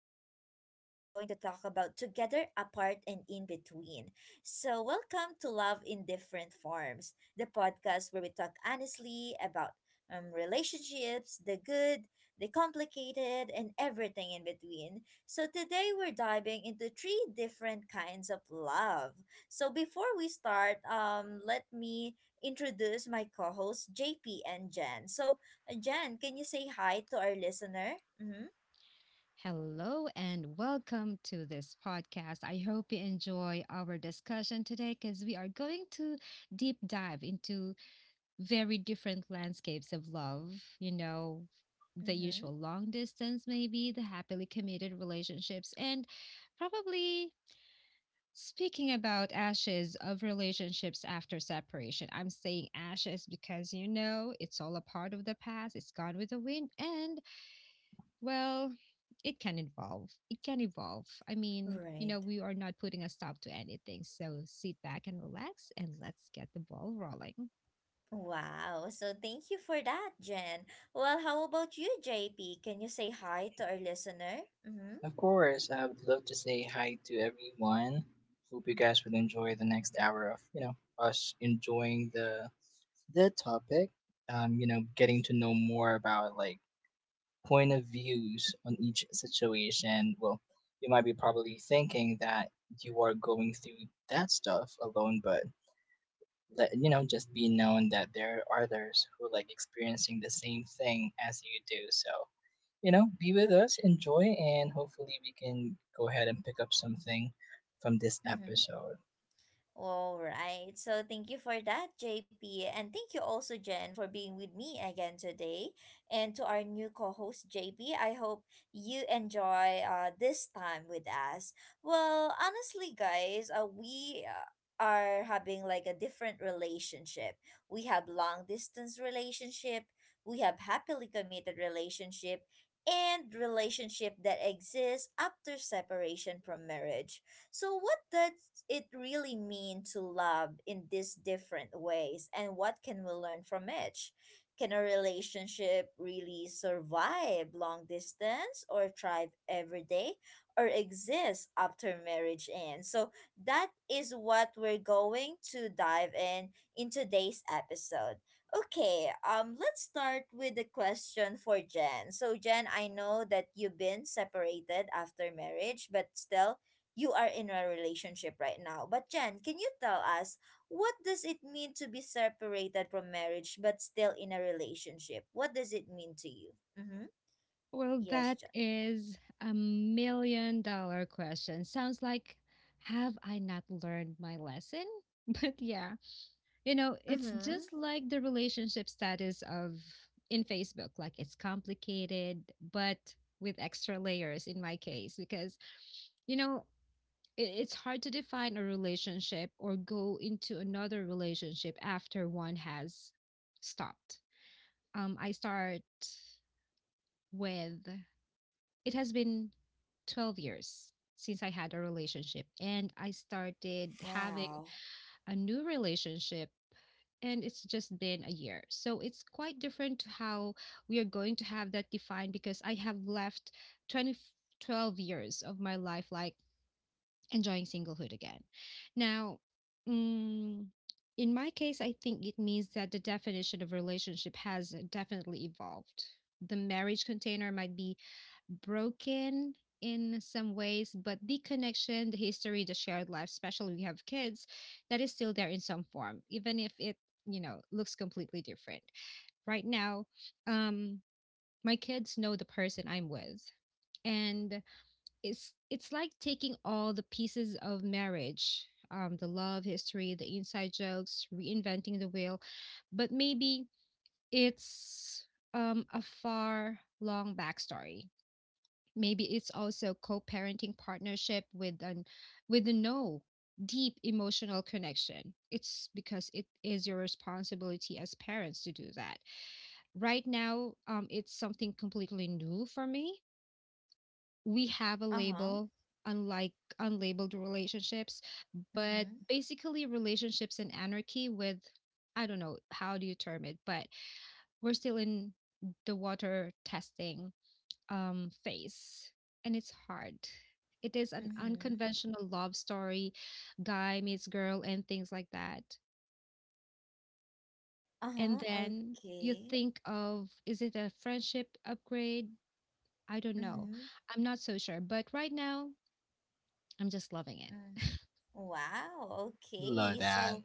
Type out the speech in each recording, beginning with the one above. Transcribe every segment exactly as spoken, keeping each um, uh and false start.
about Together, Apart, and In Between. So, welcome to Love in Different Forms, the podcast where we talk honestly about um, relationships, the good, the complicated, and everything in between. So, today, we're diving into three different kinds of love. So, before we start, um, let me introduce my co hosts, J P and Jen. So, uh, Jen, can you say hi to our listener? Mm-hmm. Hello and welcome to this podcast. I hope you enjoy our discussion today because we are going to deep dive into very different landscapes of love. You know, the Mm-hmm. usual long distance, maybe the happily committed relationships, and probably speaking about ashes of relationships after separation. I'm saying ashes because, you know, it's all a part of the past, it's gone with the wind, and well, it can involve. It can evolve. I mean, you know, Right. we are not putting a stop to anything. So sit back and relax and let's get the ball rolling. Wow. So, thank you for that, Jen. Well, how about you, J P? Can you say hi to our listener? Mm-hmm. Of course, I would love to say hi to everyone. Hope you guys would enjoy the next hour of, you know, us enjoying the the topic. Um, you know, getting to know more about like point of views on each situation. Well, you might be probably thinking that you are going through that stuff alone, but let, you know, just be known that there are others who are, like experiencing the same thing as you do. So you know, be with us, enjoy, and hopefully we can go ahead and pick up something from this Mm-hmm. episode. All right. So thank you for that, J P. And thank you also, Jen, for being with me again today. And to our new co host, J P, I hope you enjoy uh, this time with us. Well, honestly, guys, uh, we. Uh, are having like a different relationship. We have long distance relationship, we have happily committed relationship, and relationship that exists after separation from marriage. So, what does it really mean to love in these different ways, and what can we learn from each? Can a relationship really survive long distance, or thrive every day, or exist after marriage ends? So, that is what we're going to dive in in today's episode. Okay, um, let's start with the question for Jen. So, Jen, I know that you've been separated after marriage, but still, you are in a relationship right now. But Jen, can you tell us, what does it mean to be separated from marriage but still in a relationship? What does it mean to you? Mm-hmm. Well, Yes, that Jen. is a million dollar question. Sounds like, have I not learned my lesson? But yeah, you know, it's Mm-hmm. just like the relationship status of in Facebook. Like it's complicated, but with extra layers in my case, because you know, it, it's hard to define a relationship or go into another relationship after one has stopped. Um, I start with It has been twelve years since I had a relationship, and I started having Wow. a new relationship, and it's just been a year. So it's quite different to how we are going to have that defined because I have left twenty twelve years of my life like enjoying singlehood again. Now, mm, in my case, I think it means that the definition of relationship has definitely evolved. The marriage container might be broken in some ways, but the connection, the history, the shared life, especially we have kids, that is still there in some form, even if it, you know, looks completely different. Right now, um, my kids know the person I'm with. And it's it's like taking all the pieces of marriage, um, the love history, the inside jokes, reinventing the wheel. But maybe it's um, a far long backstory. Maybe it's also co-parenting partnership with an with a no deep emotional connection. It's because it is your responsibility as parents to do that. Right now, um, it's something completely new for me. We have a Uh-huh. label, unlike unlabeled relationships, but Mm-hmm. basically relationships in anarchy with, I don't know, how do you term it, but we're still in the water testing um phase. And it's hard. It is an Mm-hmm. unconventional love story, guy meets girl and things like that. And Uh-huh. then you Okay. think of, is it a friendship upgrade? I don't know. Mm-hmm. I'm not so sure, but right now I'm just loving it. Mm. Wow. Love Okay. that. So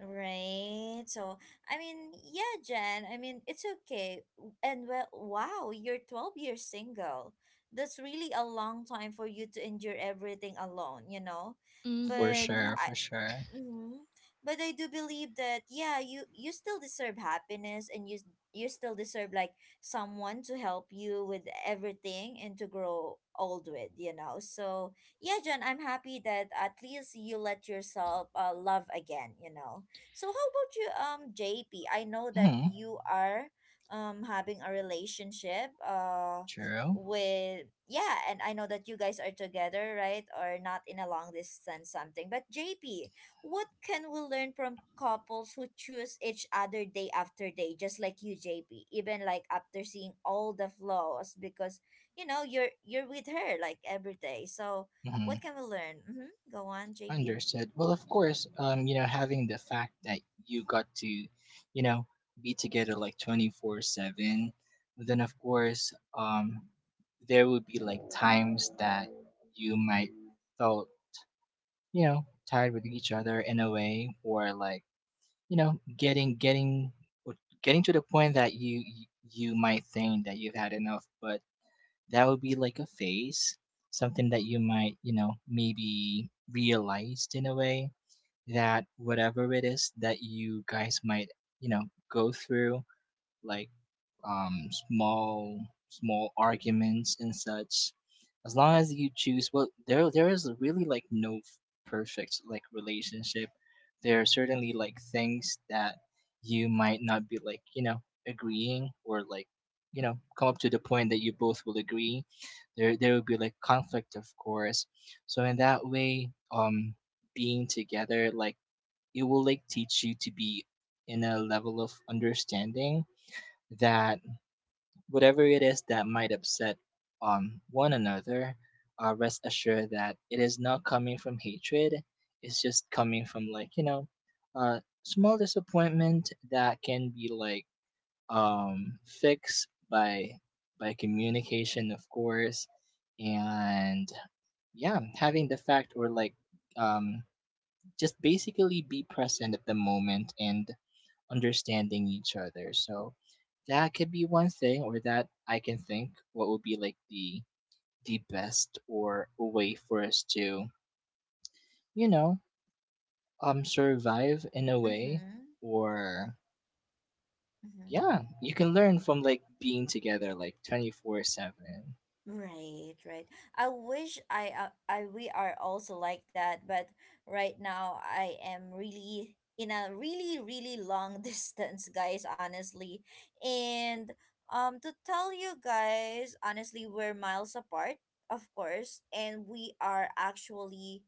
Right. So, I mean, yeah, Jen, I mean, it's okay. And well, wow, you're twelve years single. That's really a long time for you to endure everything alone, you know? For But sure, Mhm. for sure. Mm-hmm. But I do believe that yeah, you you still deserve happiness, and you s- you still deserve like someone to help you with everything and to grow old with, you know. So, yeah, John, I'm happy that at least you let yourself uh, love again, you know. So, how about you, um J P? I know that Mm-hmm. you are um having a relationship uh True. with, yeah, and I know that you guys are together, right, or not in a long distance, something. But JP, what can we learn from couples who choose each other day after day, just like you, J P, even like after seeing all the flaws, because you know, you're you're with her like every day? So what Mm-hmm. can we learn? Mm-hmm. Go on, J P. Understood. Well, of course, um, you know, having the fact that you got to, you know, be together like twenty four seven, then of course, um, there would be like times that you might felt, you know, tired with each other in a way, or like, you know getting getting or getting to the point that you you might think that you've had enough, but that would be like a phase, something that you might, you know, maybe realized in a way that whatever it is that you guys might, you know, go through, like um, small small arguments and such. As long as you choose, well, there there is really like no f- perfect like relationship. There are certainly like things that you might not be like, you know, agreeing, or like, you know, come up to the point that you both will agree. There there will be like conflict, of course. So in that way, um, being together, like, it will like teach you to be in a level of understanding that whatever it is that might upset um, one another, uh, rest assured that it is not coming from hatred. It's just coming from like, you know, uh, small disappointment that can be like um, fixed by by communication, of course, and yeah, having the fact, or like um, just basically be present at the moment and understanding each other. So that could be one thing, or that I can think what would be like the the best, or a way for us to, you know, um, survive in a way, Mm-hmm. or Mm-hmm. yeah, you can learn from like being together like twenty four seven. Right, right. I wish I, uh, I we are also like that, but right now I am really in a really really long distance, guys, honestly. And um to tell you guys, honestly, we're miles apart, of course, and we are actually,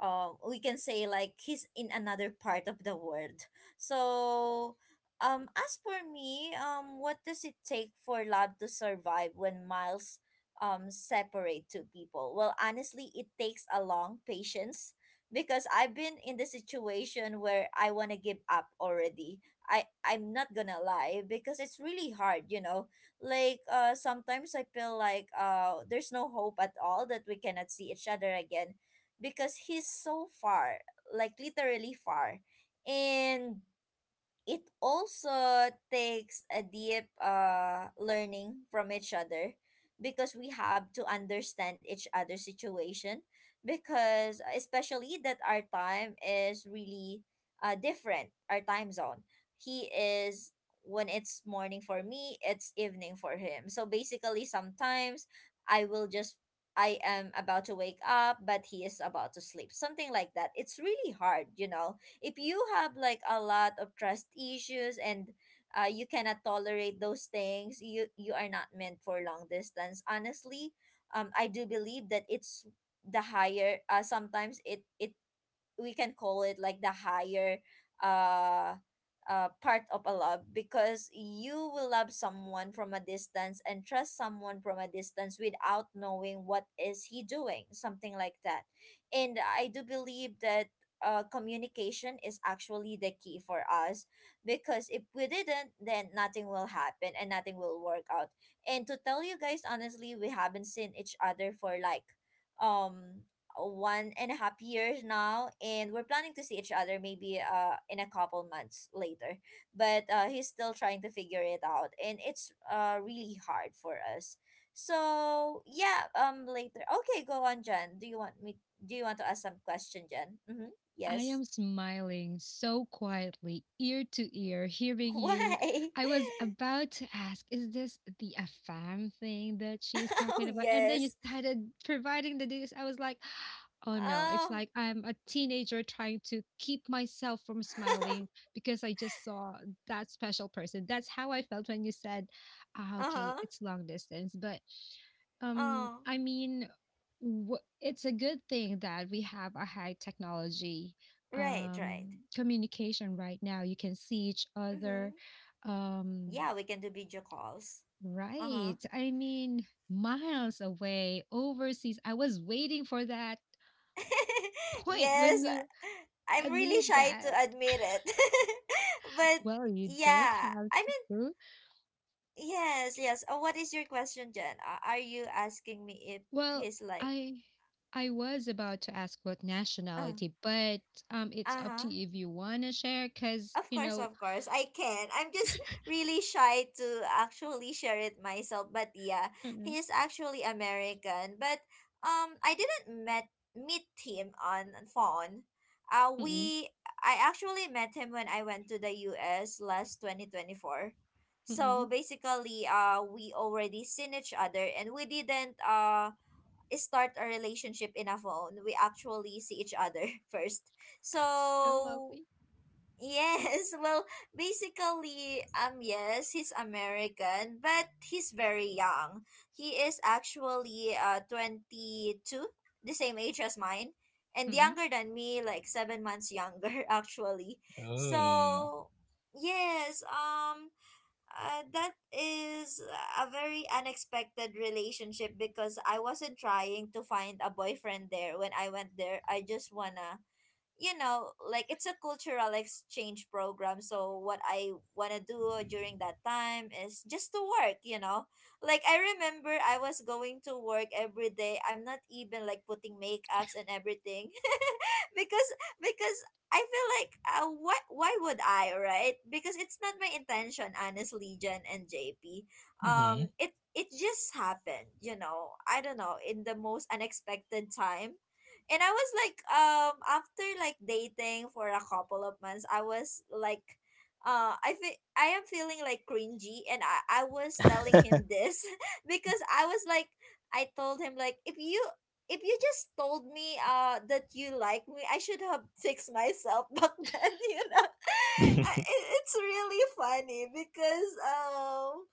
um we can say, like, he's in another part of the world. So, um as for me, um what does it take for love to survive when miles um separate two people? Well, honestly, it takes a long patience, because I've been in the situation where I want to give up already. I I'm not going to lie, because it's really hard, you know. Like, uh sometimes I feel like uh there's no hope at all that we cannot see each other again, because he's so far, like literally far. And it also takes a deep uh learning from each other, because we have to understand each other's situation, because especially that our time is really uh different, our time zone. He is When it's morning for me, it's evening for him. So basically sometimes I will just I am about to wake up but he is about to sleep, something like that. It's really hard, you know. If you have like a lot of trust issues and uh, you cannot tolerate those things, you you are not meant for long distance, honestly. um I do believe that it's the higher uh, sometimes it it we can call it like the higher uh uh part of a love, because you will love someone from a distance and trust someone from a distance without knowing what is he doing, something like that. And I do believe that uh, communication is actually the key for us, because if we didn't, then nothing will happen and nothing will work out. And to tell you guys honestly, we haven't seen each other for like, um one and a half years now, and we're planning to see each other maybe uh in a couple months later, but uh he's still trying to figure it out, and it's uh really hard for us. So yeah, um later. Okay, go on, Jen. Do you want me do you want to ask some question, Jen? Mm-hmm. I Yes. am smiling so quietly, ear to ear, hearing you. Why? I was about to ask, is this the AFAM thing that she's Oh talking about? And then you yes. started providing the details. I was like, oh no, it's Oh. like I'm a teenager trying to keep myself from smiling because I just saw that special person. That's how I felt when you said, ah, okay, Uh-huh. it's long distance. But um, Oh. I mean, wh- it's a good thing that we have a high technology Right, um, right. communication right now. You can see each Mm-hmm. other. Um, Yeah, we can do video calls. Uh-huh. right. I mean, miles away, overseas. I was waiting for that point when Yes, you I'm really admit shy to that. admit it. But Well, you don't yeah, have I mean, to. yes, yes. Uh, what is your question, Jen? Uh, are you asking me if Well, he's like, I I was about to ask what uh, nationality, but um, it's uh up huh? to you if you want to share, because Of you course, know, of course, I can. I'm just really shy to actually share it myself. But yeah, mm-mm, he is actually American. But um, I didn't met meet him on phone. Uh, mm-mm, we I actually met him when I went to the U S last twenty twenty four. So mm-mm. basically, uh, we already seen each other, and we didn't uh start a relationship in a phone. We actually see each other first. So So, lovely. yes. Well, basically, um, yes, he's American, but he's very young. He is actually uh twenty-two, the same age as mine, and Mm-mm, younger than me, like seven months younger, actually. Oh. So, yes, um, uh, that is a very unexpected relationship, because I wasn't trying to find a boyfriend there when I went there. I just wanna, you know, like, it's a cultural exchange program. So what I wanna do during that time is just to work, you know. Like I remember I was going to work every day. I'm not even like putting makeups and everything. because because I feel like, uh, why why would I, right? Because it's not my intention, honestly, Jen and J P. Hmm. Um it it just happened, you know. I don't know, in the most unexpected time, and I was like, um, after like dating for a couple of months, I was like, uh, I feel I am feeling like cringy, and I I was telling him this because I was like, I told him like, if you if you just told me uh that you like me, I should have fixed myself back then, you know. I- it, it's really funny because, um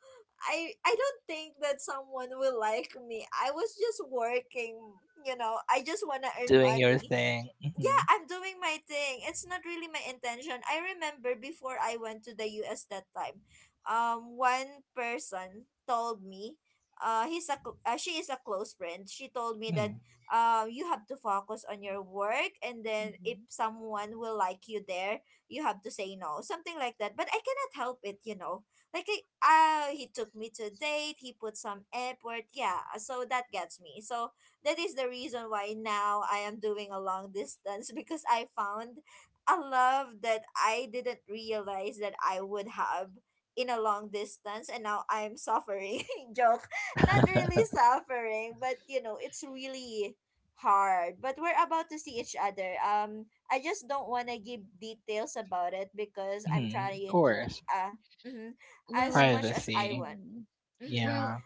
I I don't think that someone will like me. I was just working, you know. I just want to earn Doing your money. thing. Yeah, Mm-hmm. I'm doing my thing. It's not really my intention. I remember before I went to the U S that time, um, one person told me, uh, he's a cl- uh, she is a close friend. She told me that, um, you have to focus on your work, and then if mm-mm. someone will like you there, you have to say no, something like that. But I cannot help it, you know. Like, I, uh, he took me to date. He put some effort. Yeah, so that gets me. So that is the reason why now I am doing a long distance, because I found a love that I didn't realize that I would have in a long distance, and now I'm suffering. Joke. Not really suffering, but you know, it's really hard. But we're about to see each other. Um I just don't want to give details about it because I'm Mm-hmm. Of trying to, course. uh mm-hmm, as Well, much as I Privacy. want. mm, Mhm. Yeah. well,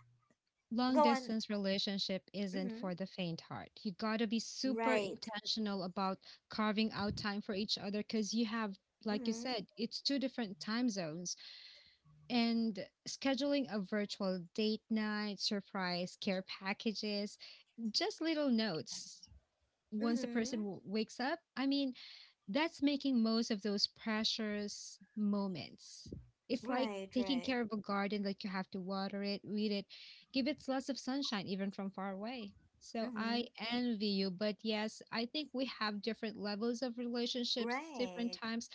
long Go on. distance relationship isn't Mhm. for the faint heart. You gotta be super Right. intentional about carving out time for each other because you have, like you said, it's two different time zones. And scheduling a virtual date night, surprise care packages, just little notes. Once the Mm-hmm. person w- wakes up, I mean, that's making most of those precious moments. It's like Right, taking right. care of a garden, like you have to water it, weed it, give it lots of sunshine, even from far away. So Mm-hmm. I envy you. But yes, I think we have different levels of relationships, different Right. times,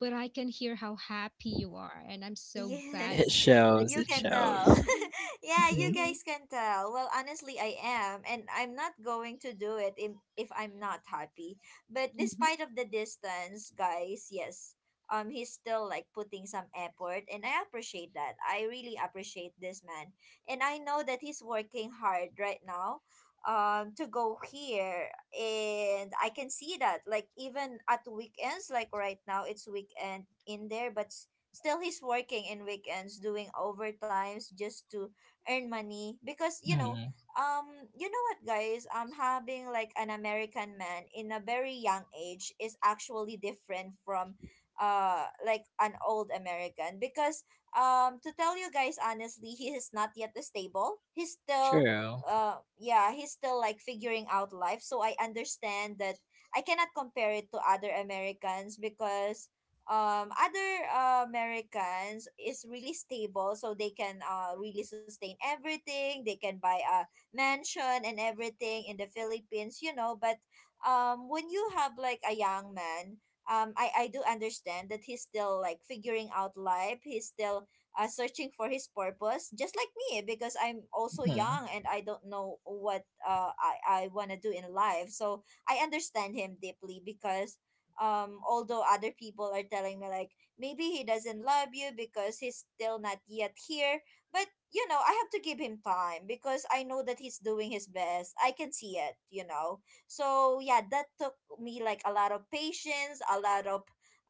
but I can hear how happy you are. And I'm so glad It Yes, that shows. you you It can found, yeah, shows. tell. I'm Yeah, you Mm-hmm. true. guys can tell. Well, honestly, I am, and I'm not going to do it if, if I'm not happy. But Mhm. despite of the distance, guys, yes, um, he's still like putting some effort, and I appreciate that. I really appreciate this man, and I know that he's working hard right now, um, to go here, and I can see that. Like even at weekends, like right now, it's weekend in there, but still, he's working in weekends, doing overtimes just to earn money, because you know, um, you know what, guys, um, having like an American man in a very young age is actually different from, uh, like an old American, because um, to tell you guys honestly, he is not yet stable. He's still, True. uh yeah, he's still like figuring out life, so I understand that. I cannot compare it to other Americans because um other uh, Americans is really stable, so they can uh really sustain everything. They can buy a mansion and everything in the Philippines, you know. But um when you have like a young man, um I I do understand that he's still like figuring out life. He's still uh, searching for his purpose, just like me, because I'm also Hmm. young and I don't know what uh I I want to do in life, so I understand him deeply because um although other people are telling me like maybe he doesn't love you because he's still not yet here. But you know, I have to give him time because I know that he's doing his best. I can see it you know So yeah, that took me like a lot of patience, a lot of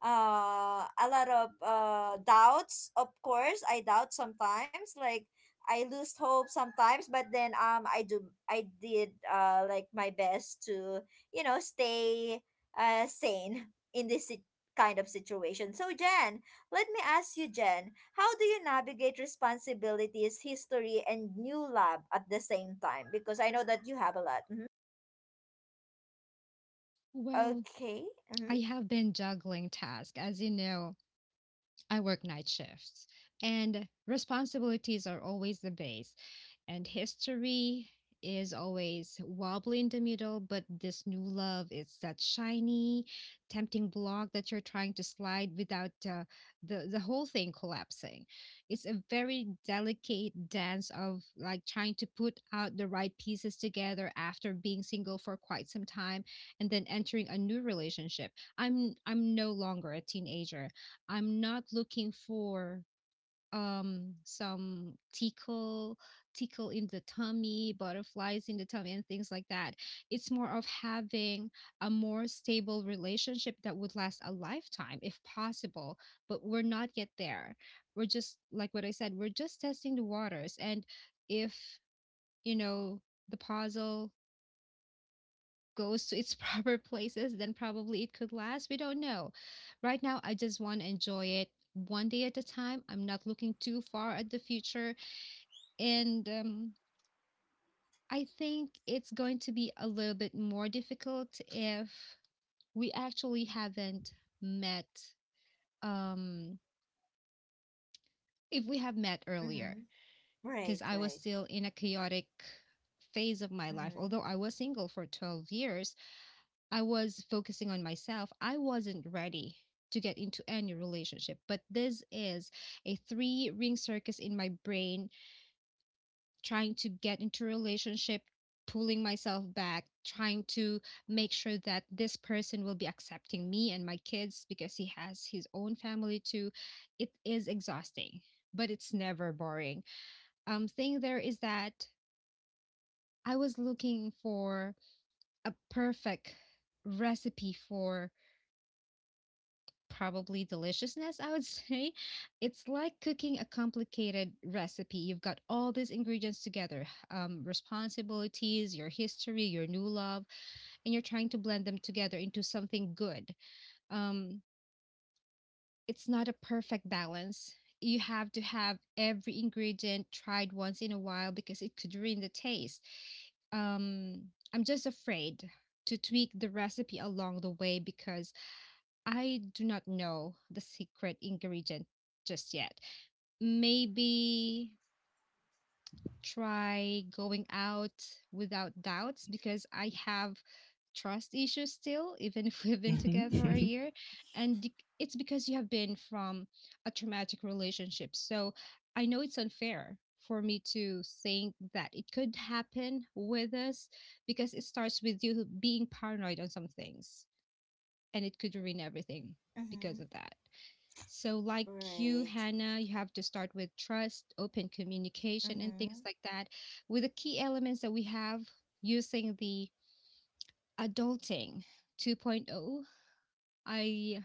uh a lot of uh doubts. Of course I doubt sometimes, like I lose hope sometimes, but then um i do i did uh like my best to you know stay uh, sane in this sit- kind of situation. So, Jen, let me ask you, Jen, how do you navigate responsibilities, history, and new lab at the same time? Because I know that you have a lot. Mhm. Well, Okay. Mm-hmm. I have been juggling tasks, as you know. I work night shifts and responsibilities are always the base and history is always wobbly in the middle, but this new love is that shiny, tempting block that you're trying to slide without uh, the the whole thing collapsing. It's a very delicate dance of like trying to put out the right pieces together after being single for quite some time and then entering a new relationship. I'm I'm no longer a teenager. I'm not looking for um some tickle tickle in the tummy, butterflies in the tummy and things like that. It's more of having a more stable relationship that would last a lifetime if possible, but we're not yet there. We're just, like what I said, we're just testing the waters. And if, you know, the puzzle goes to its proper places, then probably it could last. We don't know. Right now I just want to enjoy it one day at a time. I'm not looking too far at the future. And um, I think it's going to be a little bit more difficult if we actually haven't met, um, if we have met earlier, Mm-hmm. because Right, I was right. still in a chaotic phase of my life. Mm-hmm. Although I was single for twelve years, I was focusing on myself. I wasn't ready to get into any relationship, but this is a three ring circus in my brain, trying to get into a relationship, pulling myself back, trying to make sure that this person will be accepting me and my kids because he has his own family too. It is exhausting, but it's never boring. Um thing there is that I was looking for a perfect recipe for probably deliciousness, I would say. It's like cooking a complicated recipe. You've got all these ingredients together, um, responsibilities, your history, your new love, and you're trying to blend them together into something good. Um, it's not a perfect balance. You have to have every ingredient tried once in a while because it could ruin the taste. Um, I'm just afraid to tweak the recipe along the way because I do not know the secret ingredient just yet. Maybe try going out without doubts because I have trust issues still, even if we've been Hmm. together a year. And bec- it's because you have been from a traumatic relationship. So I know it's unfair for me to think that it could happen with us because it starts with you being paranoid on some things and it could ruin everything because Mm-hmm. of that. So, like you, Right. Hannah, you have to start with trust, open communication, and Mm-hmm. things like that. With the key elements that we have using the adulting 2.0, I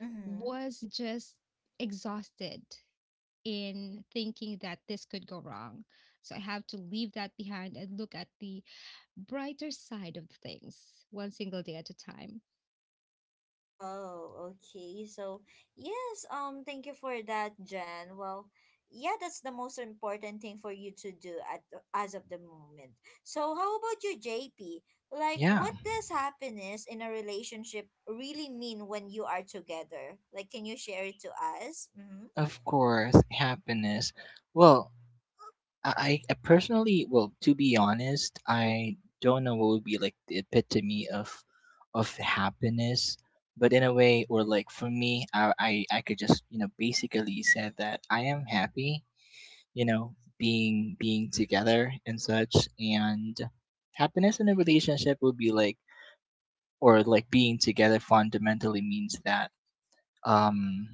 Mm-hmm. was just exhausted in thinking that this could go wrong. So, I have to leave that behind and look at the brighter side of things one single day at a time. Oh, okay. So, yes, um, thank you for that, Jen. Well, yeah, that's the most important thing for you to do at as of the moment. So, how about you, J P? Like, Yeah, what does happiness in a relationship really mean when you are together? Like, can you share it to us? Mm-hmm. of course, happiness. Well, I, I personally, well, to be honest, I don't know what would be like the epitome of of happiness. But in a way, or like for me, I, I, I could just, you know, basically say that I am happy. You know, being being together and such, and happiness in a relationship would be like, or like being together fundamentally means that um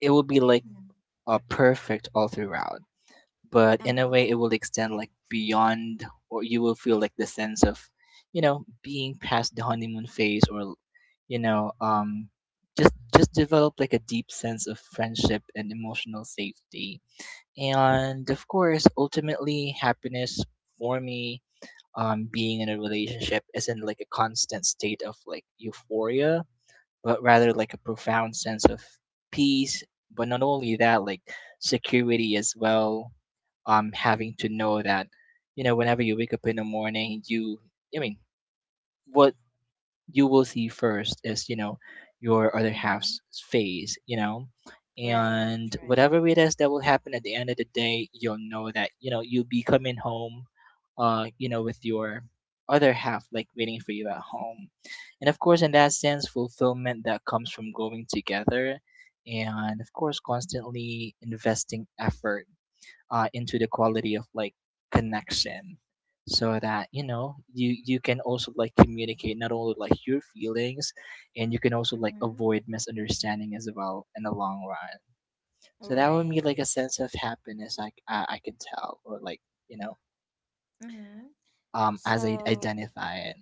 it will be like Mm-hmm. uh, perfect all throughout, but in Uh-huh. a way it will extend like beyond, or you will feel like the sense of, you know, being past the honeymoon phase, or you know, um just just develop like a deep sense of friendship and emotional safety, and of course ultimately happiness. For me, um being in a relationship isn't like a constant state of like euphoria, but rather like a profound sense of peace. But not only that, like security as well. Um, having to know that, you know, whenever you wake up in the morning, you, I mean, what you will see first is, you know, your other Mm-hmm. half's face, you know, Right, and right. whatever it is that will happen at the end of the day, you'll know that, you know, you'll be coming home, uh you know, with your other half like waiting for you at home, and of course in that sense fulfillment that comes from going together, and of course constantly investing effort, uh, into the quality of like connection, so that, you know, you you can also like communicate not only like your feelings, and you can also like Mm-hmm. avoid misunderstanding as well in the long run. So that would be like a Right. sense of happiness, i i, I can tell, or like, you know, Mm-hmm. um as I So, identify it.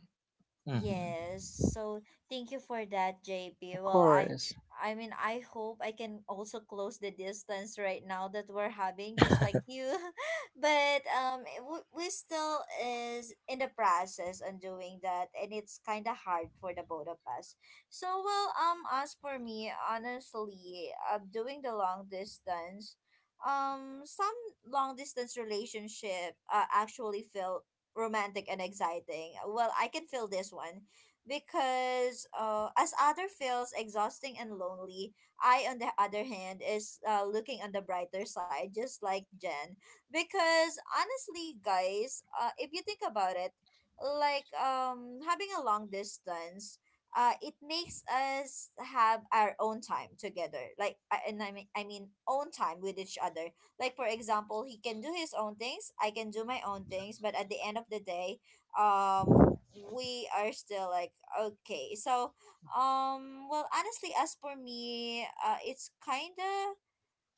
Hmm. yes. So thank you for that, J P. Of Well, I course. I mean, I hope I can also close the distance right now that we're having, just like you. But um it- we we still is in the process on doing that, and it's kind of hard for the both of us. So well, um as for me, honestly, uh, doing the long distance um some long distance relationship uh, actually felt romantic and exciting. Well, I can feel this one because uh, as other feels exhausting and lonely, I on the other hand is uh, looking on the brighter side, just like Jen. Because honestly, guys, uh, if you think about it, like um having a long distance. Uh, it makes us have our own time together, like I- and I mean, I mean own time with each other, like for example, he can do his own things, I can do my own things, but at the end of the day, um we are still like okay. So, um well, honestly as for me, uh it's kind of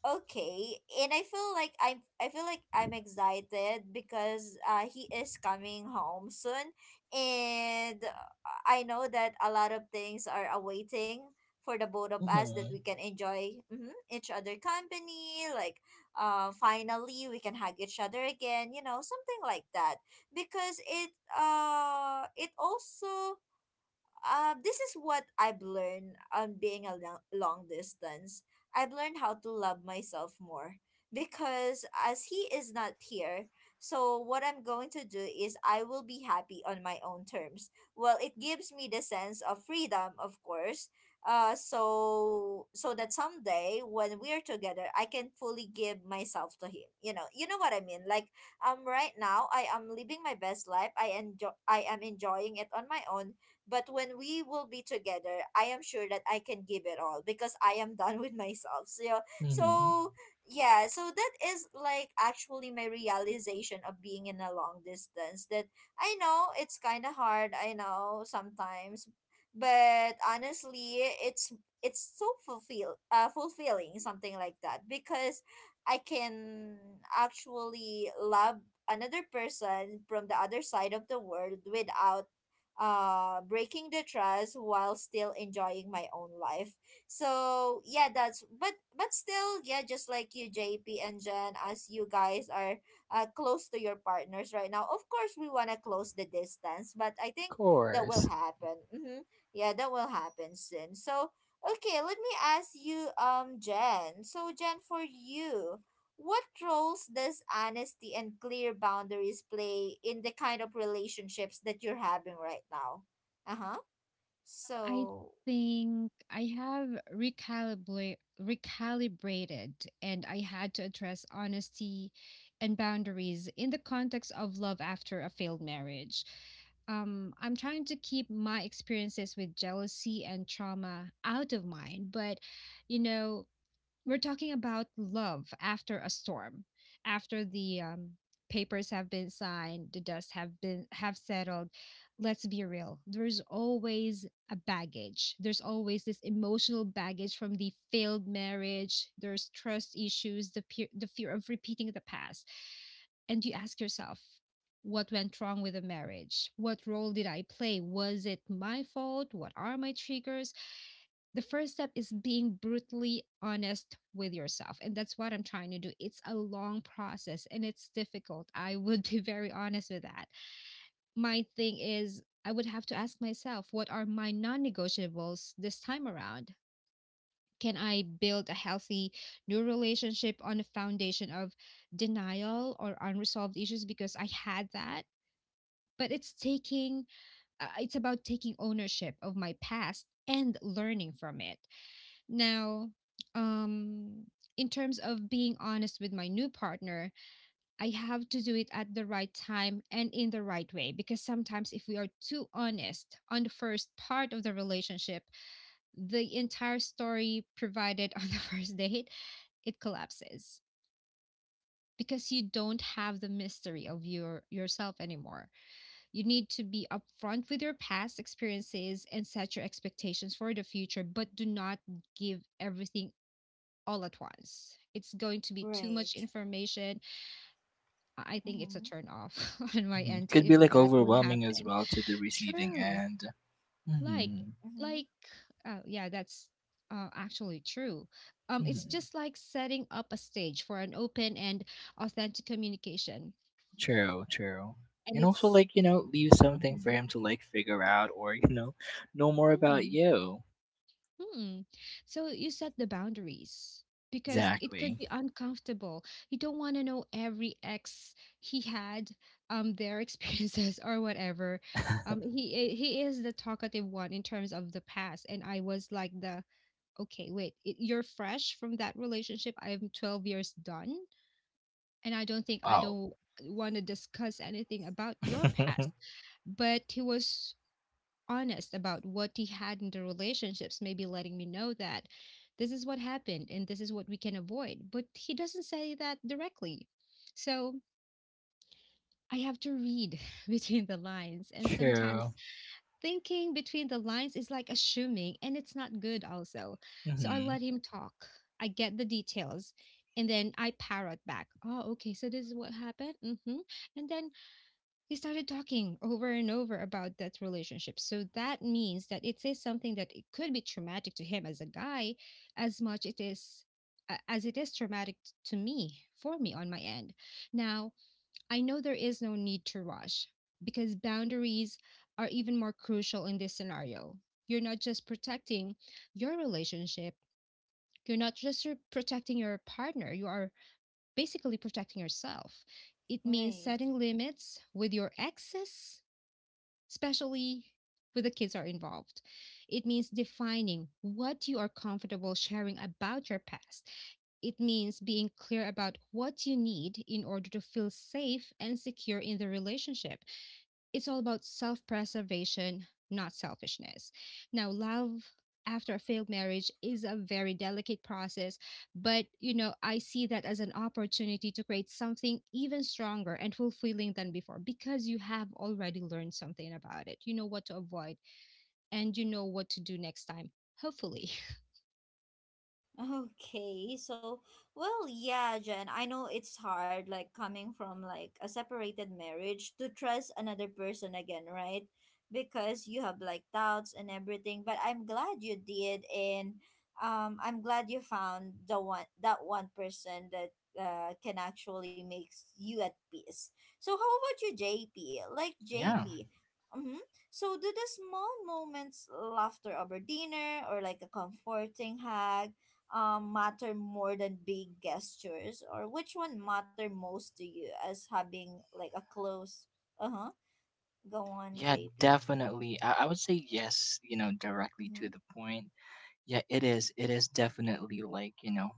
okay, and i feel like i'm i feel like i'm excited because uh he is coming home soon, and uh, I know that a lot of things are awaiting for the both of us that we Hmm. can enjoy, mhm, each other company, like uh finally we can hug each other again, you know, something like that. Because it uh it also uh, this is what I've learned on being a lo- long distance. I've learned how to love myself more because as he is not here, so what I'm going to do is I will be happy on my own terms. Well, it gives me the sense of freedom, of course. Uh, so so that someday when we're together, I can fully give myself to him. You know, you know what I mean. Like um, right now I am living my best life. I enjoy. I am enjoying it on my own, but when we will be together, I am sure that I can give it all because I am done with myself. So, yeah. Hmm. So yeah, so that is like actually my realization of being in a long distance, that I know it's kind of hard, I know sometimes, but honestly, it's it's so fulfill uh fulfilling, something like that, because I can actually love another person from the other side of the world without uh breaking the trust while still enjoying my own life. So yeah, that's, but but still yeah, just like you, JP and Jen, as you guys are uh, close to your partners right now. Of course we want to close the distance, but I Of think that will course. happen. Mm-hmm. Yeah, that will happen soon. So okay, let me ask you, um Jen. So Jen, for you, what roles does honesty and clear boundaries play in the kind of relationships that you're having right now? Uh huh. I So, think I have recalibrate recalibrated and I had to address honesty and boundaries in the context of love after a failed marriage. Um, I'm trying to keep my experiences with jealousy and trauma out of mind, but you know, we're talking about love after a storm, after the um, papers have been signed, the dust have been have settled. Let's be real. There's always a baggage. There's always this emotional baggage from the failed marriage. There's trust issues, the peer, the fear of repeating the past. And you ask yourself, what went wrong with the marriage? What role did I play? Was it my fault? What are my triggers? The first step is being brutally honest with yourself, and that's what I'm trying to do. It's a long process and it's difficult, I would be very honest with that. My thing is, I would have to ask myself, what are my non-negotiables this time around? Can I build a healthy new relationship on a foundation of denial or unresolved issues because I had that? But it's taking uh, it's about taking ownership of my past and learning from it. Now, um, in terms of being honest with my new partner, I have to do it at the right time and in the right way because sometimes if we are too honest on the first part of the relationship, the entire story provided on the first date, it collapses because you don't have the mystery of your yourself anymore. You need to be upfront with your past experiences and set your expectations for the future, but do not give everything all at once. It's going to be too much right. information. I I think it's a Mm-hmm, turn off on my Hmm, end to could if be like that would overwhelming as happen. well to the receiving True. end. Like Hmm. mm-hmm, like uh, yeah, that's uh, actually true. Um it's Hmm. just like setting up a stage for an open and authentic communication. True, true. And And also, it's. like, you know, leave something for him to, like, figure out, or, you know, know more about Mhm. you. Hmm. So you set the boundaries because it could Exactly. be uncomfortable. You don't want to know every ex he had, um, their experiences or whatever. Um, he eh, he is the talkative one in terms of the past, and I was like the okay, wait, i- you're fresh from that relationship. I'm twelve years done, and I don't think I Wow. don't want to discuss anything about your past. But he was honest about what he had in the relationships, maybe letting me know that this is what happened and this is what we can avoid. But he doesn't say that directly. So I have to read between the lines. And sometimes True. thinking between the lines is like assuming, and it's not good, also. So I Hmm. let him talk. I get the details, and then I parrot back. Oh, okay. So this is what happened. hmm And then he started talking over and over about that relationship. So that means that it is something that it could be traumatic to him as a guy as much it is a- as it is traumatic t- to me for me on my end. Now, I know there is no need to rush because boundaries are even more crucial in this scenario. You're not just protecting your relationship, you're not just r- protecting your partner, you are basically protecting yourself. It means right. setting limits with your exes, especially when the kids are involved. It means defining what you are comfortable sharing about your past. It means being clear about what you need in order to feel safe and secure in the relationship. It's all about self preservation, not selfishness. Now, love after a failed marriage is a very delicate process, but you know, I see that as an opportunity to create something even stronger and fulfilling than before because you have already learned something about it. You know what to avoid, and you know what to do next time, hopefully. Okay, so well, yeah, Jen, I know it's hard, like coming from like a separated marriage to trust another person again, right? Because you have like doubts and everything, but I'm glad you did, and um, I'm glad you found the one, that one person, that uh can actually makes you at peace. So how about you, J P? Like Yeah. J P, mm-hmm. So, do the small moments, laughter over dinner, or like a comforting hug um, matter more than big gestures, or which one matter most to you as having like a close uh-huh. Go on, Yeah, JP. definitely. I-, I would say yes, you know, directly to Mm-hmm. the point. Yeah, it is. It is definitely, like, you know,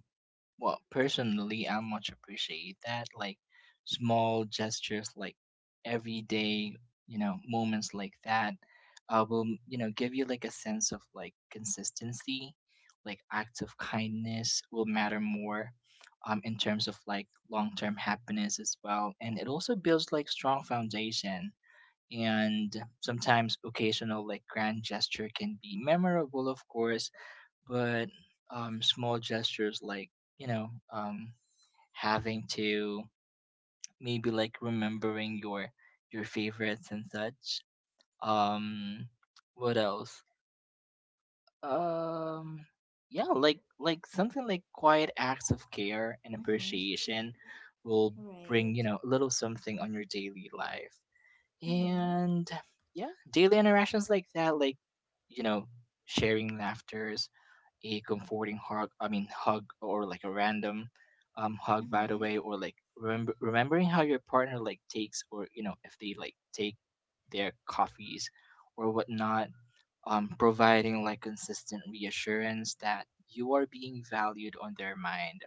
well, personally, I much appreciate that. Like small gestures, like everyday, you know, moments like that, uh, will, you know, give you like a sense of like consistency. Like acts of kindness will matter more, um, in terms of like long term happiness as well, and it also builds like strong foundation. And sometimes occasional like grand gesture can be memorable, of course, but um, small gestures like, you know, um, having to maybe like remembering your your favorites and such. um what else? um yeah, like like something like quiet acts of care and Mm-hmm. appreciation will bring, Right. you know, a little something on your daily life, Mm-hmm. and yeah, daily interactions like that, like, you know, sharing laughters, a comforting hug, I mean hug, or like a random um hug, by the Mm-hmm. way, or like remember remembering how your partner like takes, or you know, if they like take their coffees or whatnot. Um providing like consistent reassurance that you are being valued on their mind,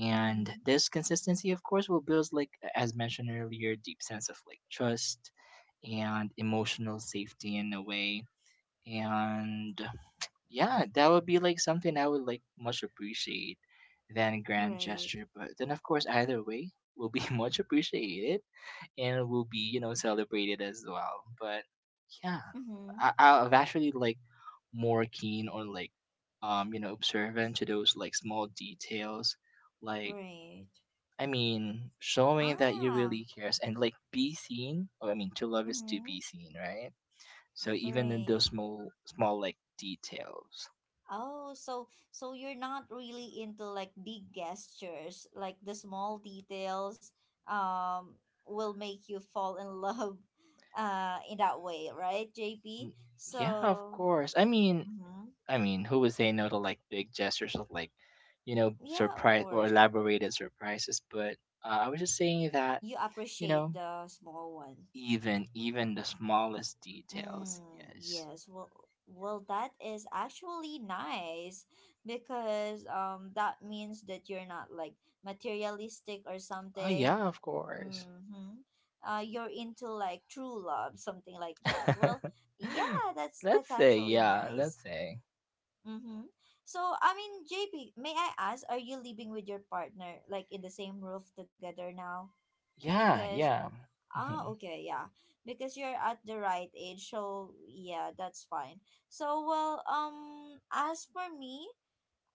and Mm-hmm. this consistency of course will build, like as mentioned earlier, deep sense of like trust and emotional safety in a way. And yeah, that would be like something I would like much appreciate than grand Right. gesture. But then of course either way will be much appreciated and will be, you know, celebrated as well. But yeah, I Mm-hmm. I've actually like more keen on like um, you know, observant to those like small details. Like, Right. I mean, showing that you Ah. really cares and like be seen. Or I mean, to love is to Mm-hmm. be seen, right? So even in Right. those small small like details. Oh, so so you're not really into like big gestures, like the small details um will make you fall in love uh in that way, right, J P? Mm. Yeah, of So, course. I mean, mhm. I mean, who would say no to like big gestures of like, you know, Yeah, of surprise or course. elaborated surprises? But uh, I was just saying that, You you appreciate know, the small one. even even the smallest details. Mm, Yes. yes. Well, well, that is actually nice because um that means that you're not like materialistic or Oh something. yeah, of course. Mm-hmm. Uh, you're into like true love, something like that. Well, yeah, that's Let's that's say actually yeah. nice. Let's say Mm-hmm. So, I mean, J P, may I ask, are you living with your partner like in the same roof together now? yeah, Because yeah. ah, Mm-hmm. okay, yeah. Because you're at the right age, so yeah, that's fine. So, well, um, as for me,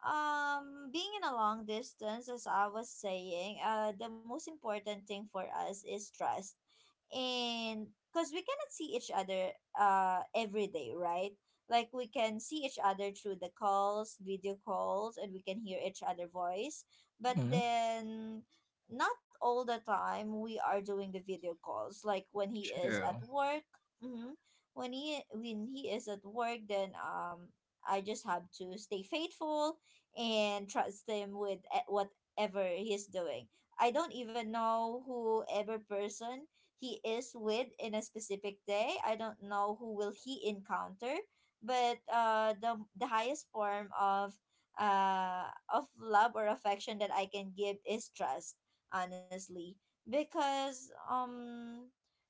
um, being in a long distance, as I was saying, uh, the most important thing for us is trust, and because we cannot see each other uh every day, right? Like we can see each other through the calls, video calls, and we can hear each other voice, but Hmm. then not all the time we are doing the video calls, like when he is at True. work. Mm-hmm. when he when he is at work, then um I just have to stay faithful and trust him with e- whatever he's doing. I don't even know whoever person he is with in a specific day. I don't know who will he encounter, but uh, the the highest form of uh of love or affection that I can give is trust, honestly, because um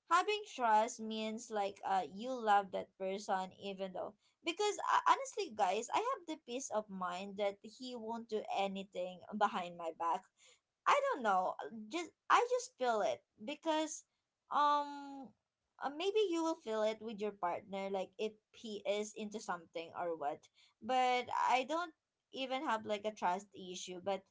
having trust means like uh you love that person even though, because uh, honestly guys, I have the peace of mind that he won't do anything behind my back. I don't know. uh, Just I just feel it because um uh, maybe you will feel it with your partner, like if he is into something or what. But I don't even have like a trust issue, but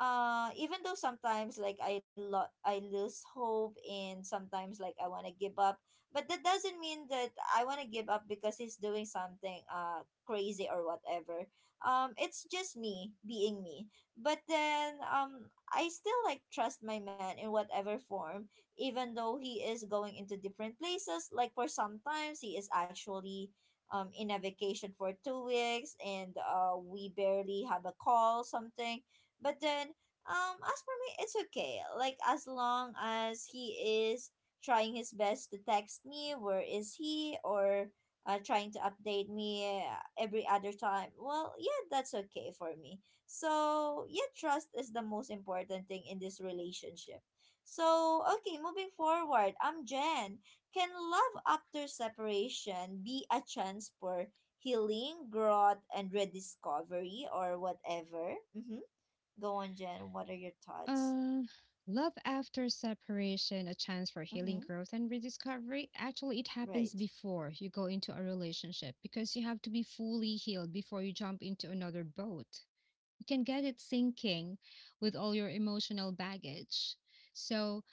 uh even though sometimes like I lo- I lose hope and sometimes like I want to give up, but that doesn't mean that I want to give up because he's doing something uh crazy or whatever. Um it's just me being me, but then um I still like trust my man in whatever form, even though he is going into different places. Like for sometimes he is actually um in a vacation for two weeks, and uh we barely have a call, something. But then um as for me it's okay. Like as long as he is trying his best to text me where is he, or uh, trying to update me uh, every other time. Well, yeah, that's okay for me. So yeah, trust is the most important thing in this relationship. So okay, moving forward, I'm Jen. Can love after separation be a chance for healing, growth, and rediscovery or whatever? Mm-hmm. Go on, Jen. What are your thoughts? Uh, love after separation, a chance for healing, Mm-hmm. growth, and rediscovery. Actually, it happens Right. before you go into a relationship because you have to be fully healed before you jump into another boat. You can get it sinking with all your emotional baggage. So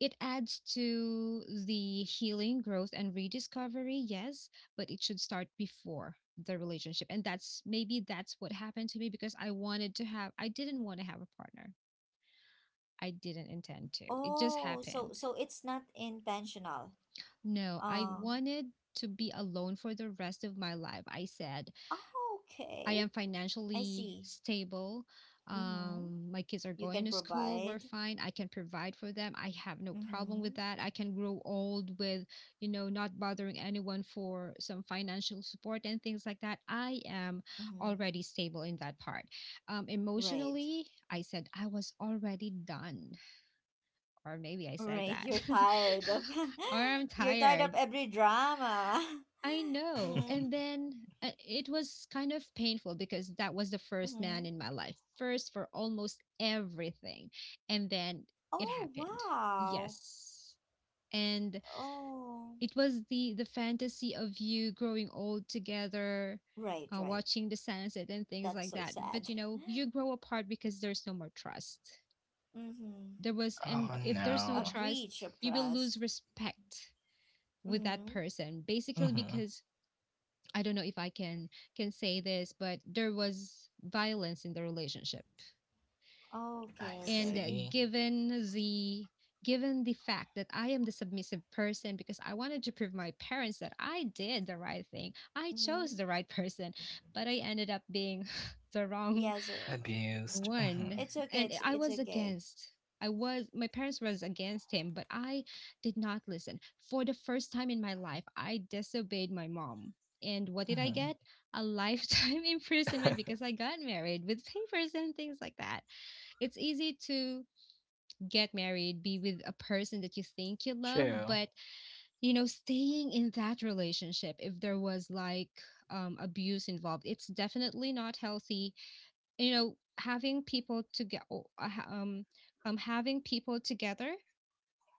it adds to the healing, growth, and rediscovery, yes, but it should start before the relationship. And that's maybe that's what happened to me because I wanted to have, I didn't want to have a partner. I didn't intend to. It just Oh, so happened. so it's not intentional. No, I Uh, wanted to be alone for the rest of my life. I said, oh, I okay. am I financially see. stable. Mm-hmm. Um, my kids are You going can to school. We're provide. fine. I can provide for them. I have no problem with Mm-hmm. that. I can grow old with, you know, not bothering anyone for some financial support and things like that. I am Mm-hmm. already stable in that part. Um, Right. emotionally, I said I was already done. Or maybe I All said right. You're that, tired of or I'm you're tired of tired. every drama. I know. Mm-hmm. And then uh, it was kind of painful because that was the first man Mm-hmm. in my life, first for almost everything. And then it Oh happened. wow. Yes. And Oh. it was the the fantasy of you growing old together, Right, uh, right. watching the sunset and things That's like so that. sad. But you know, you grow apart because there's no more trust. Mm-hmm. There was, and Oh A, if there's no a no. trust, breach of you will lose trust. respect with that Mm-hmm. person basically Hmm. because I don't know if i can can say this, but there was violence in the relationship, Okay, I and uh, okay. see. given the given the fact that I am the submissive person because I wanted to prove my parents that I did the right thing, I Mm-hmm. chose the right person, but I ended up being the wrong Yes, uh, Abused. Hmm. one. it's okay. And It's i it's was okay. against I was my parents was against him, but I did not listen. For the first time in my life, I disobeyed my mom. And what did I Hmm. get? A lifetime imprisonment because I got married with papers and things like that. It's easy to get married, be with a person that you think you love, True. but you know staying in that relationship, if there was like um, abuse involved, it's definitely not healthy. You know, having people to get uh, um um having people together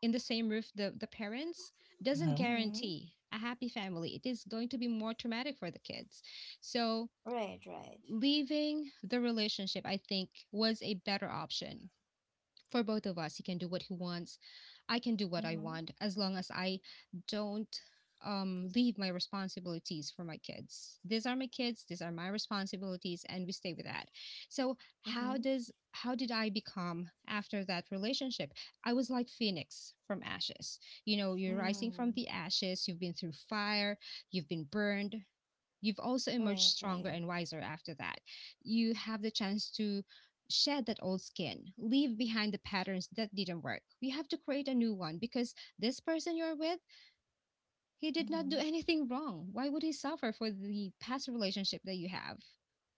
in the same roof, the the parents, doesn't Mhm, Mm-hmm. guarantee a happy family. It is going to be more traumatic for the kids. So Right, right. leaving the relationship, I think, was a better option for both of us. He can do what he wants. I can do what I Mm-hmm. want as long as I don't um, leave my responsibilities for my kids. These are my kids. These are my responsibilities, and we stay with that. So Mm-hmm. how does how did I become after that relationship? I was like phoenix from ashes. You know, you're rising from Mm. the ashes. You've been through fire. You've been burned, you've also emerged Right, stronger right. and wiser after that. You have the chance to shed that old skin, leave behind the patterns that didn't work. You have to create a new one because this person you're with, he did not do Mm-hmm. anything wrong. Why would he suffer for the past relationship that you have?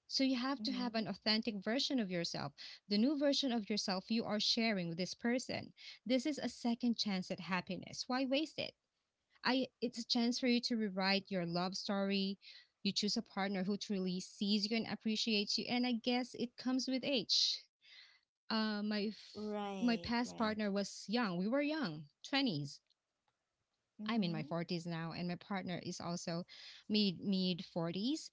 So you have to have Mm-hmm. an authentic version of yourself, the new version of yourself you are sharing with this person. This is a second chance at happiness. Why waste it? I It's a chance for you to rewrite your love story. You choose a partner who truly sees you and appreciates you, and I guess it comes with age. Uh, my f- my Right, past right. partner was young. We were young, twenties. I'm in Mm-hmm. my forties now, and my partner is also mid mid forties.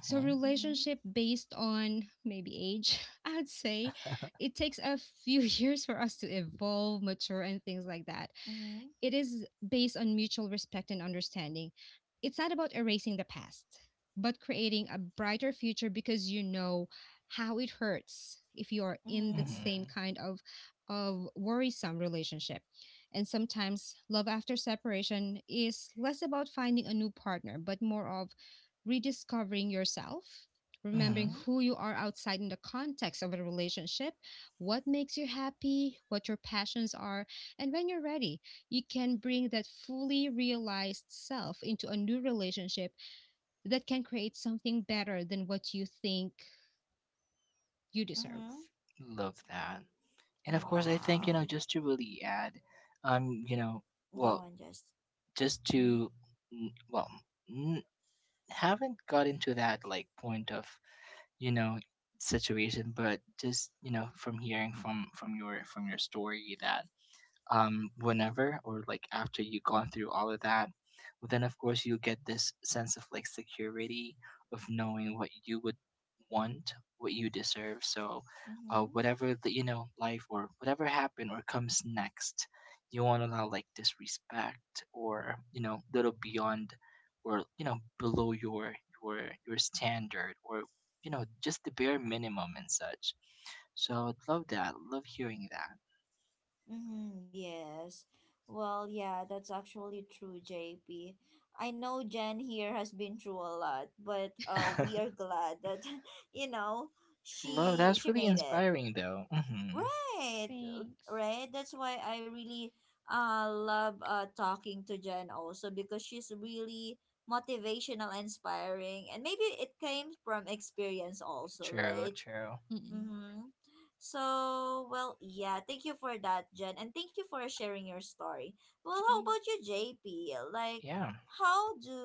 So Mm-hmm. relationship based on maybe age, I'd say, it takes a few years for us to evolve, mature, and things like that. Mm-hmm. It is based on mutual respect and understanding. It's not about erasing the past, but creating a brighter future because you know how it hurts if you are in mhm, the Mm-hmm. mhm. same kind of of worrisome relationship. And sometimes love after separation is less about finding a new partner, but more of rediscovering yourself, remembering Mm-hmm. who you are outside in the context of a relationship, what makes you happy, what your passions are, and when you're ready, you can bring that fully realized self into a new relationship that can create something better than what you think you Mm-hmm. deserve. Love that. And of course, I think, you know, Wow. just to really add, um, you know, Go well, on, just. uh, just Mm-hmm. to, n- well, n- haven't got into that like point of, you know, situation, but just, you know, from hearing from from your from your story that um, whenever, or like after you've gone through all of that, well, then of course you'll get this sense of like security of knowing what you would want, what you deserve. So, uh, Mm-hmm. whatever the, you know, life or whatever happened or comes next, you won't allow like disrespect, or you know, little beyond, or you know, below your your your standard, or you know, just the bare minimum and such. So I'd love that. Love hearing that. Mm-hmm. Yes. Well, yeah, that's actually true, J P. I know Jen here has been through a lot, but uh, we are glad that, you know, Love, she that's she really made it. inspiring though. Hmm. Right, uh, Thanks. right. That's why I really uh love uh talking to Jen also because she's really motivational, inspiring, and maybe it came from experience also, True, right? true. Mm-mm. Mm-hmm. So, well, yeah, thank you for that, Jen, and thank you for sharing your story. Well, how Okay. about you, J P? Like, Yeah. how do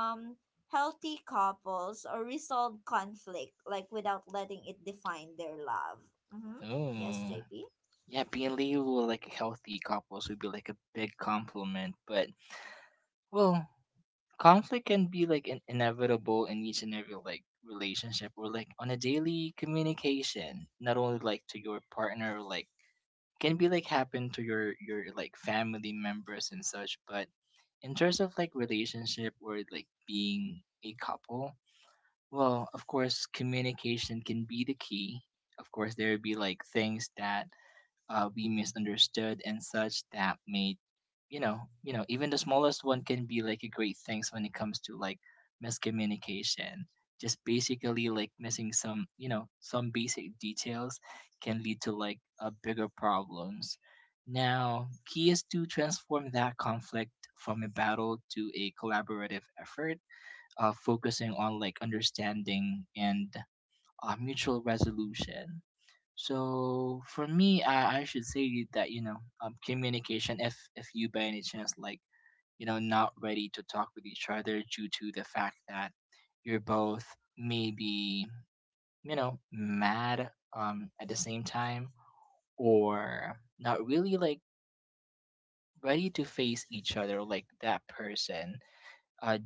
um healthy couples or resolve conflict, like, without letting it define their love? Mm-hmm. Yes, Ooh. J P. Yeah, being labeled like a healthy couples would be like a big compliment, but well, conflict can be like in- inevitable in each and every like relationship, or like on a daily communication, not only like to your partner, like can be like happen to your your like family members and such, but in terms of like relationship or like being a couple, well, of course, communication can be the key. Of course, there would be like things that uh, we misunderstood and such that made, you know, you know, even the smallest one can be like a great things when it comes to like miscommunication. Just basically like missing some, you know, some basic details can lead to like a bigger problems. Now, key is to transform that conflict from a battle to a collaborative effort, uh, focusing on like understanding and uh, mutual resolution. So for me, I, I should say that, you know, um, communication. If if you by any chance like, you know, not ready to talk with each other due to the fact that you're both maybe, you know, mad um at the same time, or not really like ready to face each other like that person, uh.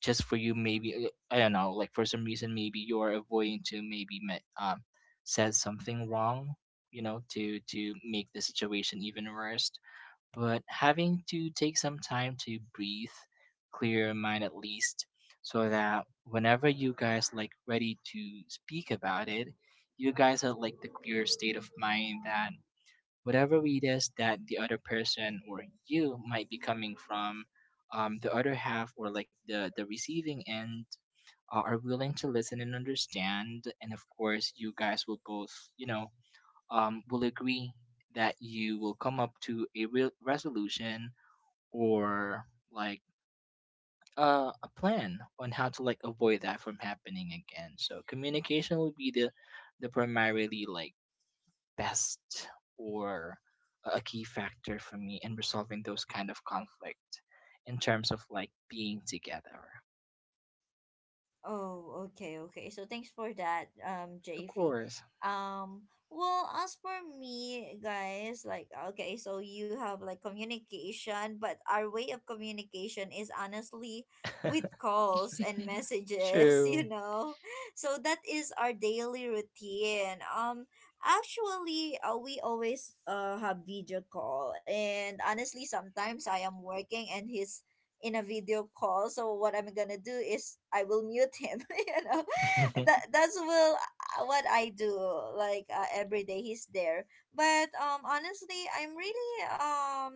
just for you maybe, uh, I don't know, like for some reason maybe you're avoiding to maybe met, um said something wrong, you know, to to make the situation even worse, but having to take some time to breathe, clear your mind at least, so that whenever you guys like ready to speak about it, you guys are like the clear state of mind, that whatever it is that the other person or you might be coming from, um, the other half, or like the the receiving end, uh, are willing to listen and understand, and of course you guys will both, you know, um, will agree that you will come up to a real resolution, or like uh, a plan on how to like avoid that from happening again. So communication will be the the primarily like best or a key factor for me in resolving those kind of conflict in terms of like being together. Oh, okay, okay. So thanks for that, um, Of J V. course. Um, well, as for me, guys, like, okay, so you have, like, communication, but our way of communication is honestly with calls and messages, you True. know? So that is our daily routine. Um, actually, uh, we always uh have video call, and honestly, sometimes I am working and he's in a video call. So what I'm gonna do is I will mute him. you know, that that's will uh, what I do. Like, uh, every day he's there. But um, honestly, I'm really um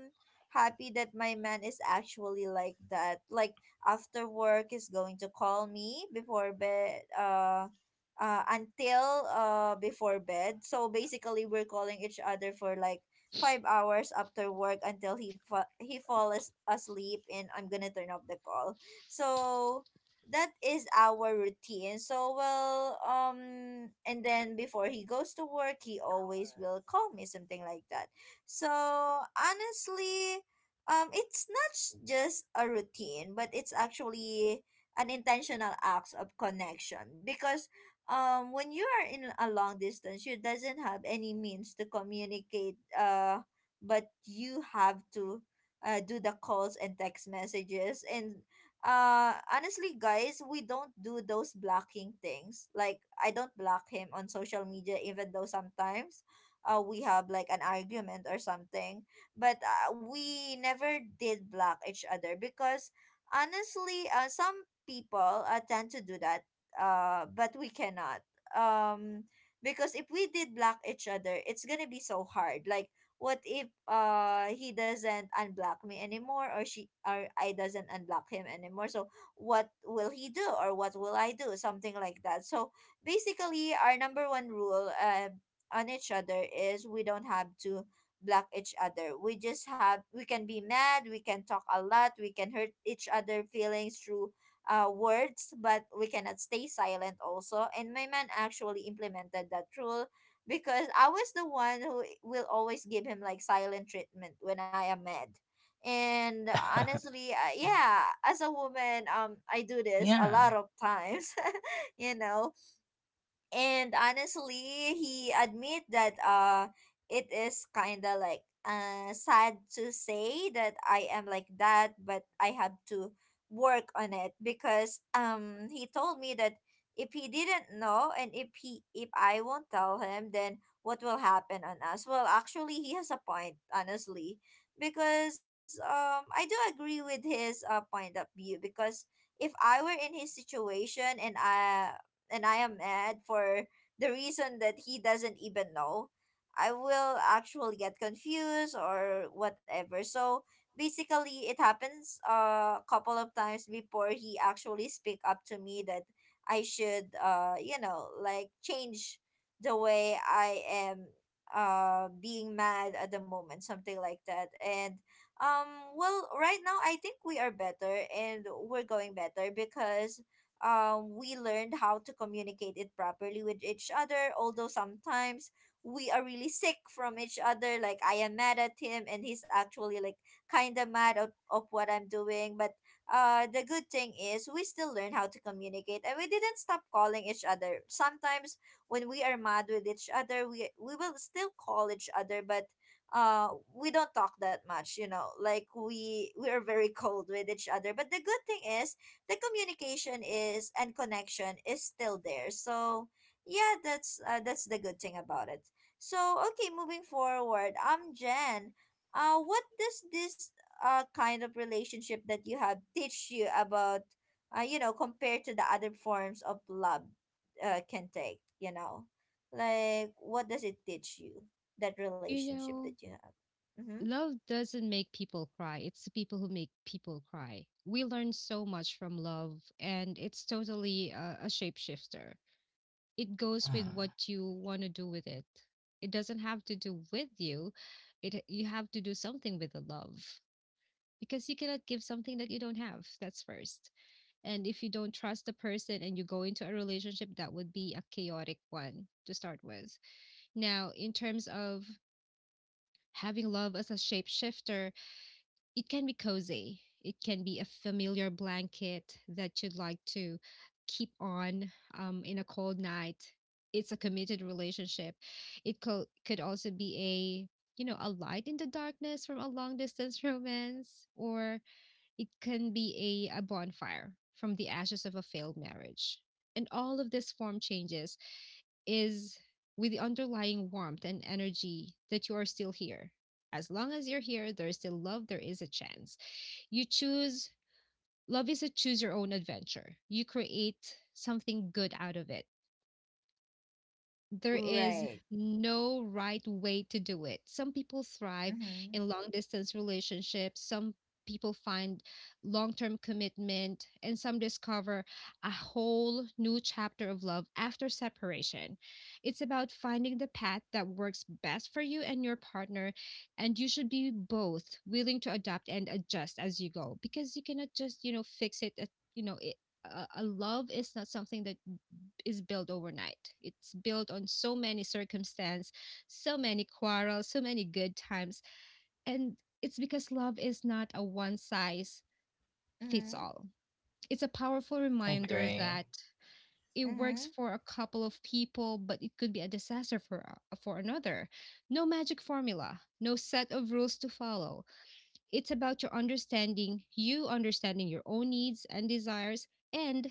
happy that my man is actually like that. Like after work, is going to call me before bed. Uh. Uh, until uh before bed, so basically we're calling each other for like five hours after work until he fa- he falls asleep and I'm gonna turn off the call. So that is our routine. So, well, um, and then before he goes to work, he always will call me, something like that. So honestly, um, it's not s- just a routine, but it's actually an intentional act of connection. Because um when you are in a long distance, you doesn't have any means to communicate, uh but you have to uh, do the calls and text messages. And uh honestly, guys, we don't do those blocking things. Like, I don't block him on social media, even though sometimes uh we have like an argument or something, but uh, we never did block each other. Because honestly, uh, some people uh, tend to do that, uh but we cannot. um because if we did block each other, it's gonna be so hard. Like, what if uh he doesn't unblock me anymore, or she, or I doesn't unblock him anymore? So what will he do, or what will I do, something like that? So basically our number one rule uh, on each other is we don't have to block each other. We just have We can be mad, we can talk a lot, we can hurt each other feelings through uh, words, but we cannot stay silent also. And my man actually implemented that rule because I was the one who will always give him like silent treatment when I am mad. And honestly, uh, yeah, as a woman, um, I do this a lot Yeah. of times, you know, and honestly he admit that uh it is kind of like uh sad to say that I am like that, but I have to work on it because um he told me that if he didn't know, and if he if i won't tell him, then what will happen on us? Well, actually, he has a point, honestly, because um I do agree with his uh point of view. Because if I were in his situation, and i and I am mad for the reason that he doesn't even know, I will actually get confused or whatever. So basically, it happens uh, a couple of times before he actually speak up to me that I should, uh, you know, like, change the way I am uh being mad at the moment, something like that. And um well, right now I think we are better, and we're going better because um, we learned how to communicate it properly with each other. Although sometimes we are really sick from each other. Like, I am mad at him, and he's actually like kind of mad of, of what I'm doing. But uh, the good thing is we still learn how to communicate, and we didn't stop calling each other. Sometimes when we are mad with each other, we we will still call each other, but uh we don't talk that much. You know, like, we we are very cold with each other, but the good thing is the communication is and connection is still there. So yeah, that's uh, that's the good thing about it. So okay, moving forward, um, Jen, uh, what does this uh kind of relationship that you have teach you about, uh, you know, compared to the other forms of love, uh, can take, you know, like, what does it teach you that You relationship know, that you have? Mm-hmm. love doesn't make people cry, it's the people who make people cry. We learn so much from love, and it's totally a, a shapeshifter. It goes with Mm, what you want to do with it. It doesn't have to do with you. It You have to do something with the love, because you cannot give something that you don't have. That's first. And if you don't trust the person and you go into a relationship, that would be a chaotic one to start with. Now in terms of having love as a shapeshifter, it can be cozy, it can be a familiar blanket that you'd like to keep on um, in a cold night. It's a committed relationship. It co- could also be a you know a light in the darkness from a long distance romance, or it can be a, a bonfire from the ashes of a failed marriage. And all of this form changes is with the underlying warmth and energy that you are still here. As long as you're here, there is still love, there is a chance. You choose, love is a choose your own adventure. You create something good out of it. There is Right. no right way to do it. Some people thrive Mm-hmm. in long distance relationships, some people find long term commitment, and some discover a whole new chapter of love after separation. It's about finding the path that works best for you and your partner, and you should be both willing to adapt and adjust as you go because you cannot just, you know, fix it at, you know, it, a, a love is not something that is built overnight. It's built on so many circumstances, so many quarrels, so many good times. And it's because love is not a one size fits Mm-hmm. all. It's a powerful reminder agree. that it works Mm-hmm. for a couple of people, but it could be a disaster for uh, for another. No magic formula, no set of rules to follow. It's about your understanding, you understanding your own needs and desires, and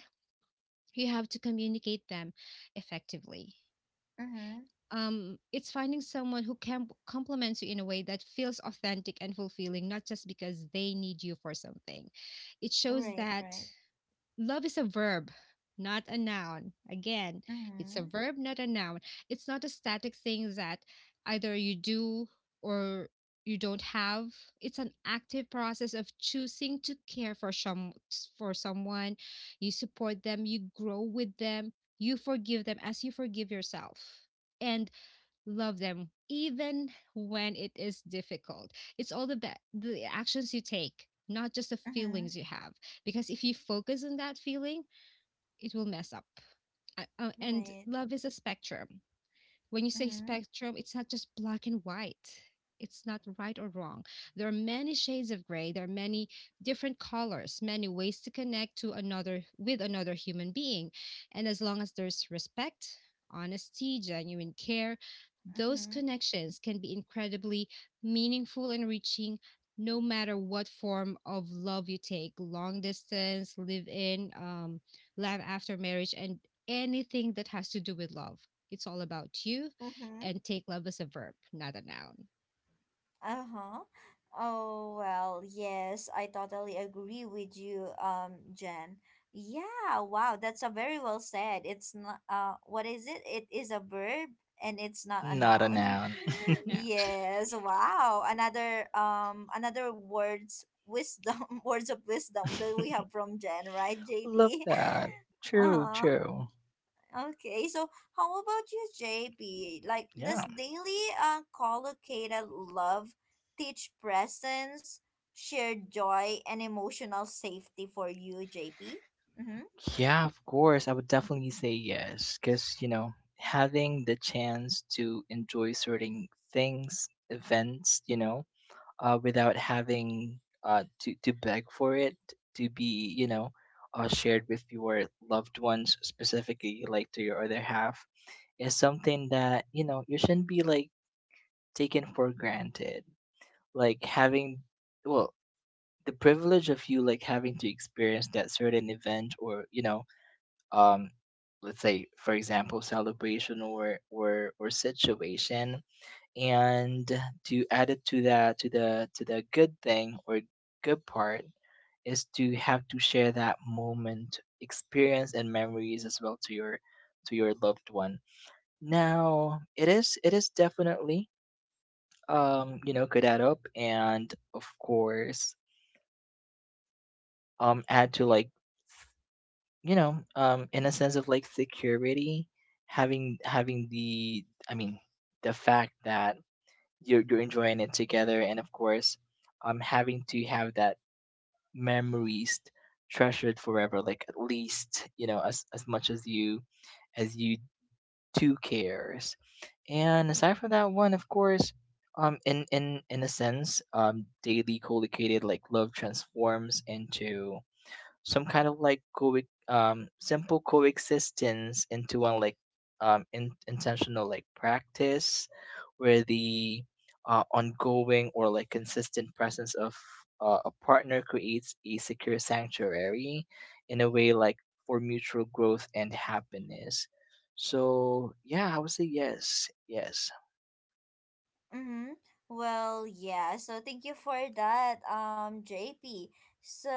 you have to communicate them effectively. Mm-hmm. um, it's finding someone who can complements you in a way that feels authentic and fulfilling, not just because they need you for something. It shows Right. that Right. love is a verb, not a noun. Again, it's a Mm-hmm. verb, not a noun. It's not a static thing that either you do or you don't have. It's an active process of choosing to care for some for someone. You support them, you grow with them, you forgive them as you forgive yourself. And love them even when it is difficult. It's all the ba- the actions you take, not just the Mm-hmm. feelings you have because if you focus on that feeling, it will mess up. Uh, uh, and Right. love is a spectrum. When you say Mm-hmm. spectrum, it's not just black and white. It's not right or wrong. There are many shades of gray. There are many different colors, many ways to connect to another with another human being. And as long as there's respect, honesty, genuine care, those Mm-hmm. connections can be incredibly meaningful and reaching no matter what form of love you take, long distance, live in, um, love after marriage and anything that has to do with love, it's all about you, Mm-hmm. and take love as a verb, not a noun. Uh-huh. Oh, well, yes, I totally agree with you, um, Jen. Yeah, wow, that's a very well said. It's not, uh what is it? It is a verb, and it's not a Not a noun. noun. No, Yes, wow. Another, um another words wisdom words of wisdom that we have from Jen, right, Love J P? that. True, Uh-huh. true. Okay, so how about you, J P? Like, does Yeah. daily uh, collocated love teach presence, shared joy, and emotional safety for you, J P? Mm-hmm. Yeah, of course. I would definitely say yes. Because, you know, having the chance to enjoy certain things, events, you know, uh, without having uh, to to beg for it to be, you know, uh, shared with your loved ones specifically like to your other half, is something that, you know, you shouldn't be like taken for granted. Like having, well, the privilege of you like having to experience that certain event, or you know, um let's say for example celebration, or or or situation, and to add it to that, to the to the good thing, or good part, is to have to share that moment, experience and memories as well to your to your loved one. Now it is, it is definitely, um you know, could add up, and of course um add to like, you know, um in a sense of like security, having having the, I mean, the fact that you're, you're enjoying it together, and of course um having to have that memories treasured forever, like at least, you know, as as much as you, as you two cares. And aside from that one, of course, um in in in a sense, um daily co-located like love transforms into some kind of like co- um simple coexistence into one like, um in- intentional like practice, where the uh, ongoing or like consistent presence of uh, a partner creates a secure sanctuary in a way, like for mutual growth and happiness. So yeah, I would say yes, yes. Mm-hmm. Well, yeah. So thank you for that, um, J P. So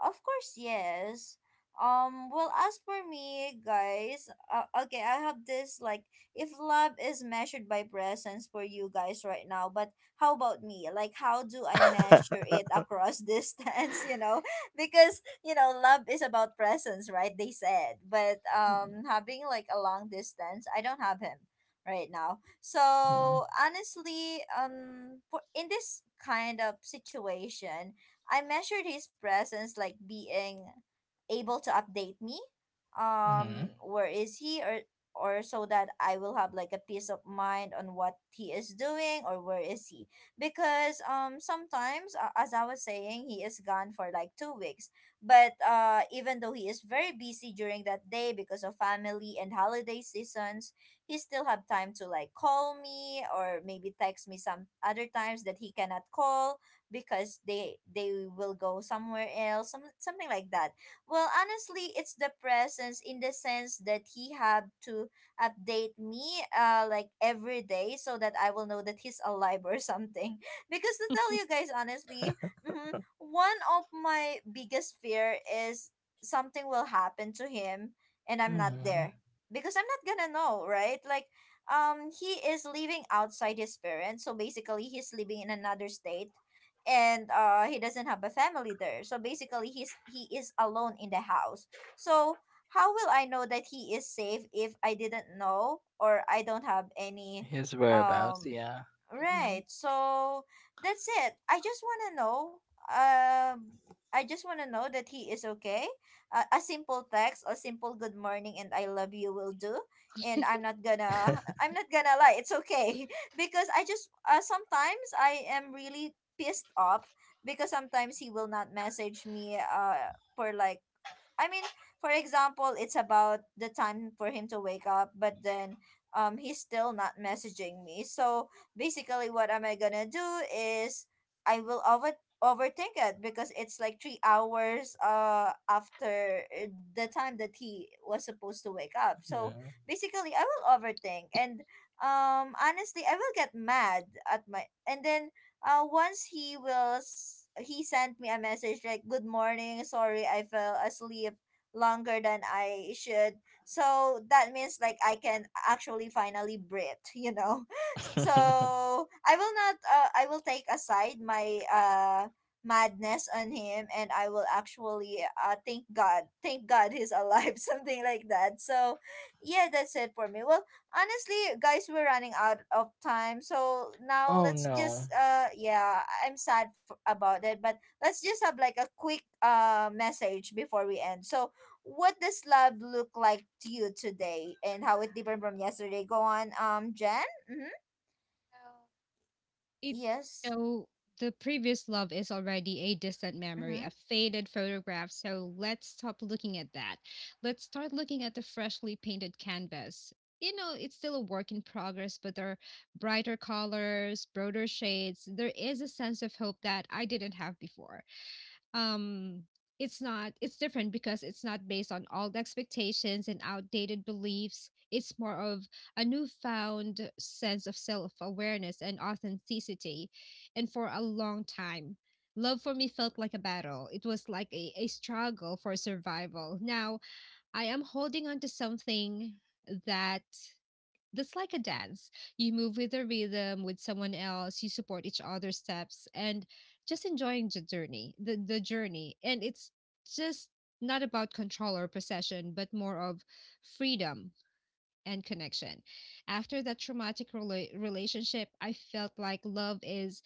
of course, yes. Um, well, as for me, guys, uh, okay, I have this, like, if love is measured by presence for you guys right now, but how about me? Like, how do I measure it across distance? You know, because, you know, love is about presence, right? They said, but Mm-mm, um, having like a long distance, I don't have him right now. Mm-hmm. So honestly, um, for, in this kind of situation, I measured his presence like being able to update me. Hmm. Um, where is he, or or so that I will have like a peace of mind on what he is doing or where is he. Because um sometimes, uh, as I was saying, he is gone for like two weeks. But uh, even though he is very busy during that day because of family and holiday seasons, he still have time to like call me, or maybe text me some other times that he cannot call because they they will go somewhere else, some, something like that. Well, honestly, it's the presence in the sense that he have to update me uh like every day, so that I will know that he's alive or something. Because to tell you guys honestly, hmm, one of my biggest fear is something will happen to him and I'm not Hmm. there. Because I'm not gonna know, right? Like, um, he is living outside his parents, so basically he's living in another state, and uh, he doesn't have a family there. So basically, he's he is alone in the house. So how will I know that he is safe if I didn't know or I don't have any, His whereabouts, um, yeah. right. mm-mm. So that's it. I just want to know. Um, I just want to know that he is okay. Uh, a simple text, a simple good morning and I love you will do. And I'm not gonna. I'm not gonna lie. It's okay. Because I just, uh, sometimes I am really pissed off because sometimes he will not message me. Uh, for like, I mean, for example, it's about the time for him to wake up, but then um he's still not messaging me. So basically what am I gonna do is I will over overthink it because it's like three hours uh after uh, the time that he was supposed to wake up. So Mhm. basically I will overthink, and um honestly I will get mad at my, and then uh once he was he sent me a message like, good morning, sorry I fell asleep longer than I should. So that means like I can actually finally breathe. You know, so I will not, uh, I will take aside my uh madness on him, and I will actually uh thank god thank god he's alive, something like that. So yeah, that's it for me. Well, honestly, guys, we're running out of time, so now Oh let's no. just, uh yeah, I- am sad for, about it, but let's just have like a quick uh message before we end. So what does love look like to you today, and how it different from yesterday? Go on, um Jen. Mm-hmm. Well, It Yes. so the previous love is already a distant memory, Mm-hmm. a faded photograph. So let's stop looking at that. Let's start looking at the freshly painted canvas. You know, it's still a work in progress, but there are brighter colors, broader shades. There is a sense of hope that I didn't have before. um it's not it's different because it's not based on old expectations and outdated beliefs. It's more of a newfound sense of self-awareness and authenticity. And for a long time love for me felt like a battle. It was like a, a struggle for survival. Now I am holding on to something that that's like a dance. You move with a rhythm with someone else, you support each other's steps and just enjoying the journey, the, the journey. And it's just not about control or possession, but more of freedom and connection. After that traumatic rela- relationship, I felt like love is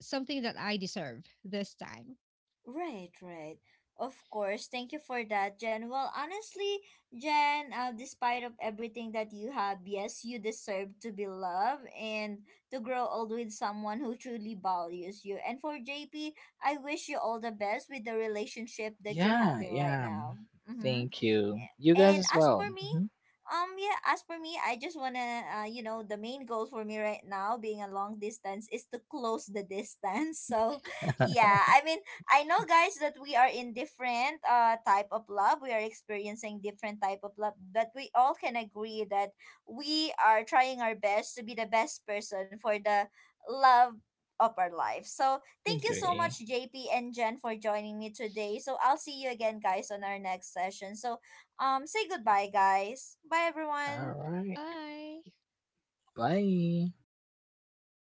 something that I deserve this time. Right, right. Of course. Thank you for that, Jen. Well, honestly, Jen, uh, despite of everything that you have, yes, you deserve to be loved and to grow old with someone who truly values you. And for J P, I wish you all the best with the relationship that you're Yeah, having right yeah. now. Mm-hmm. Thank you. You guys And as as for well. me, Mhm. um, yeah, as for me, I just wanna, uh, you know, the main goal for me right now, being a long distance, is to close the distance. So, yeah, I mean, I know, guys, that we are in different uh type of love. We are experiencing different type of love, but we all can agree that we are trying our best to be the best person for the love of our life. So, thank you so Agree. much, J P and Jen, for joining me today. So, I'll see you again, guys, on our next session. So um, say goodbye, guys. Bye, All everyone. right. Bye. Bye.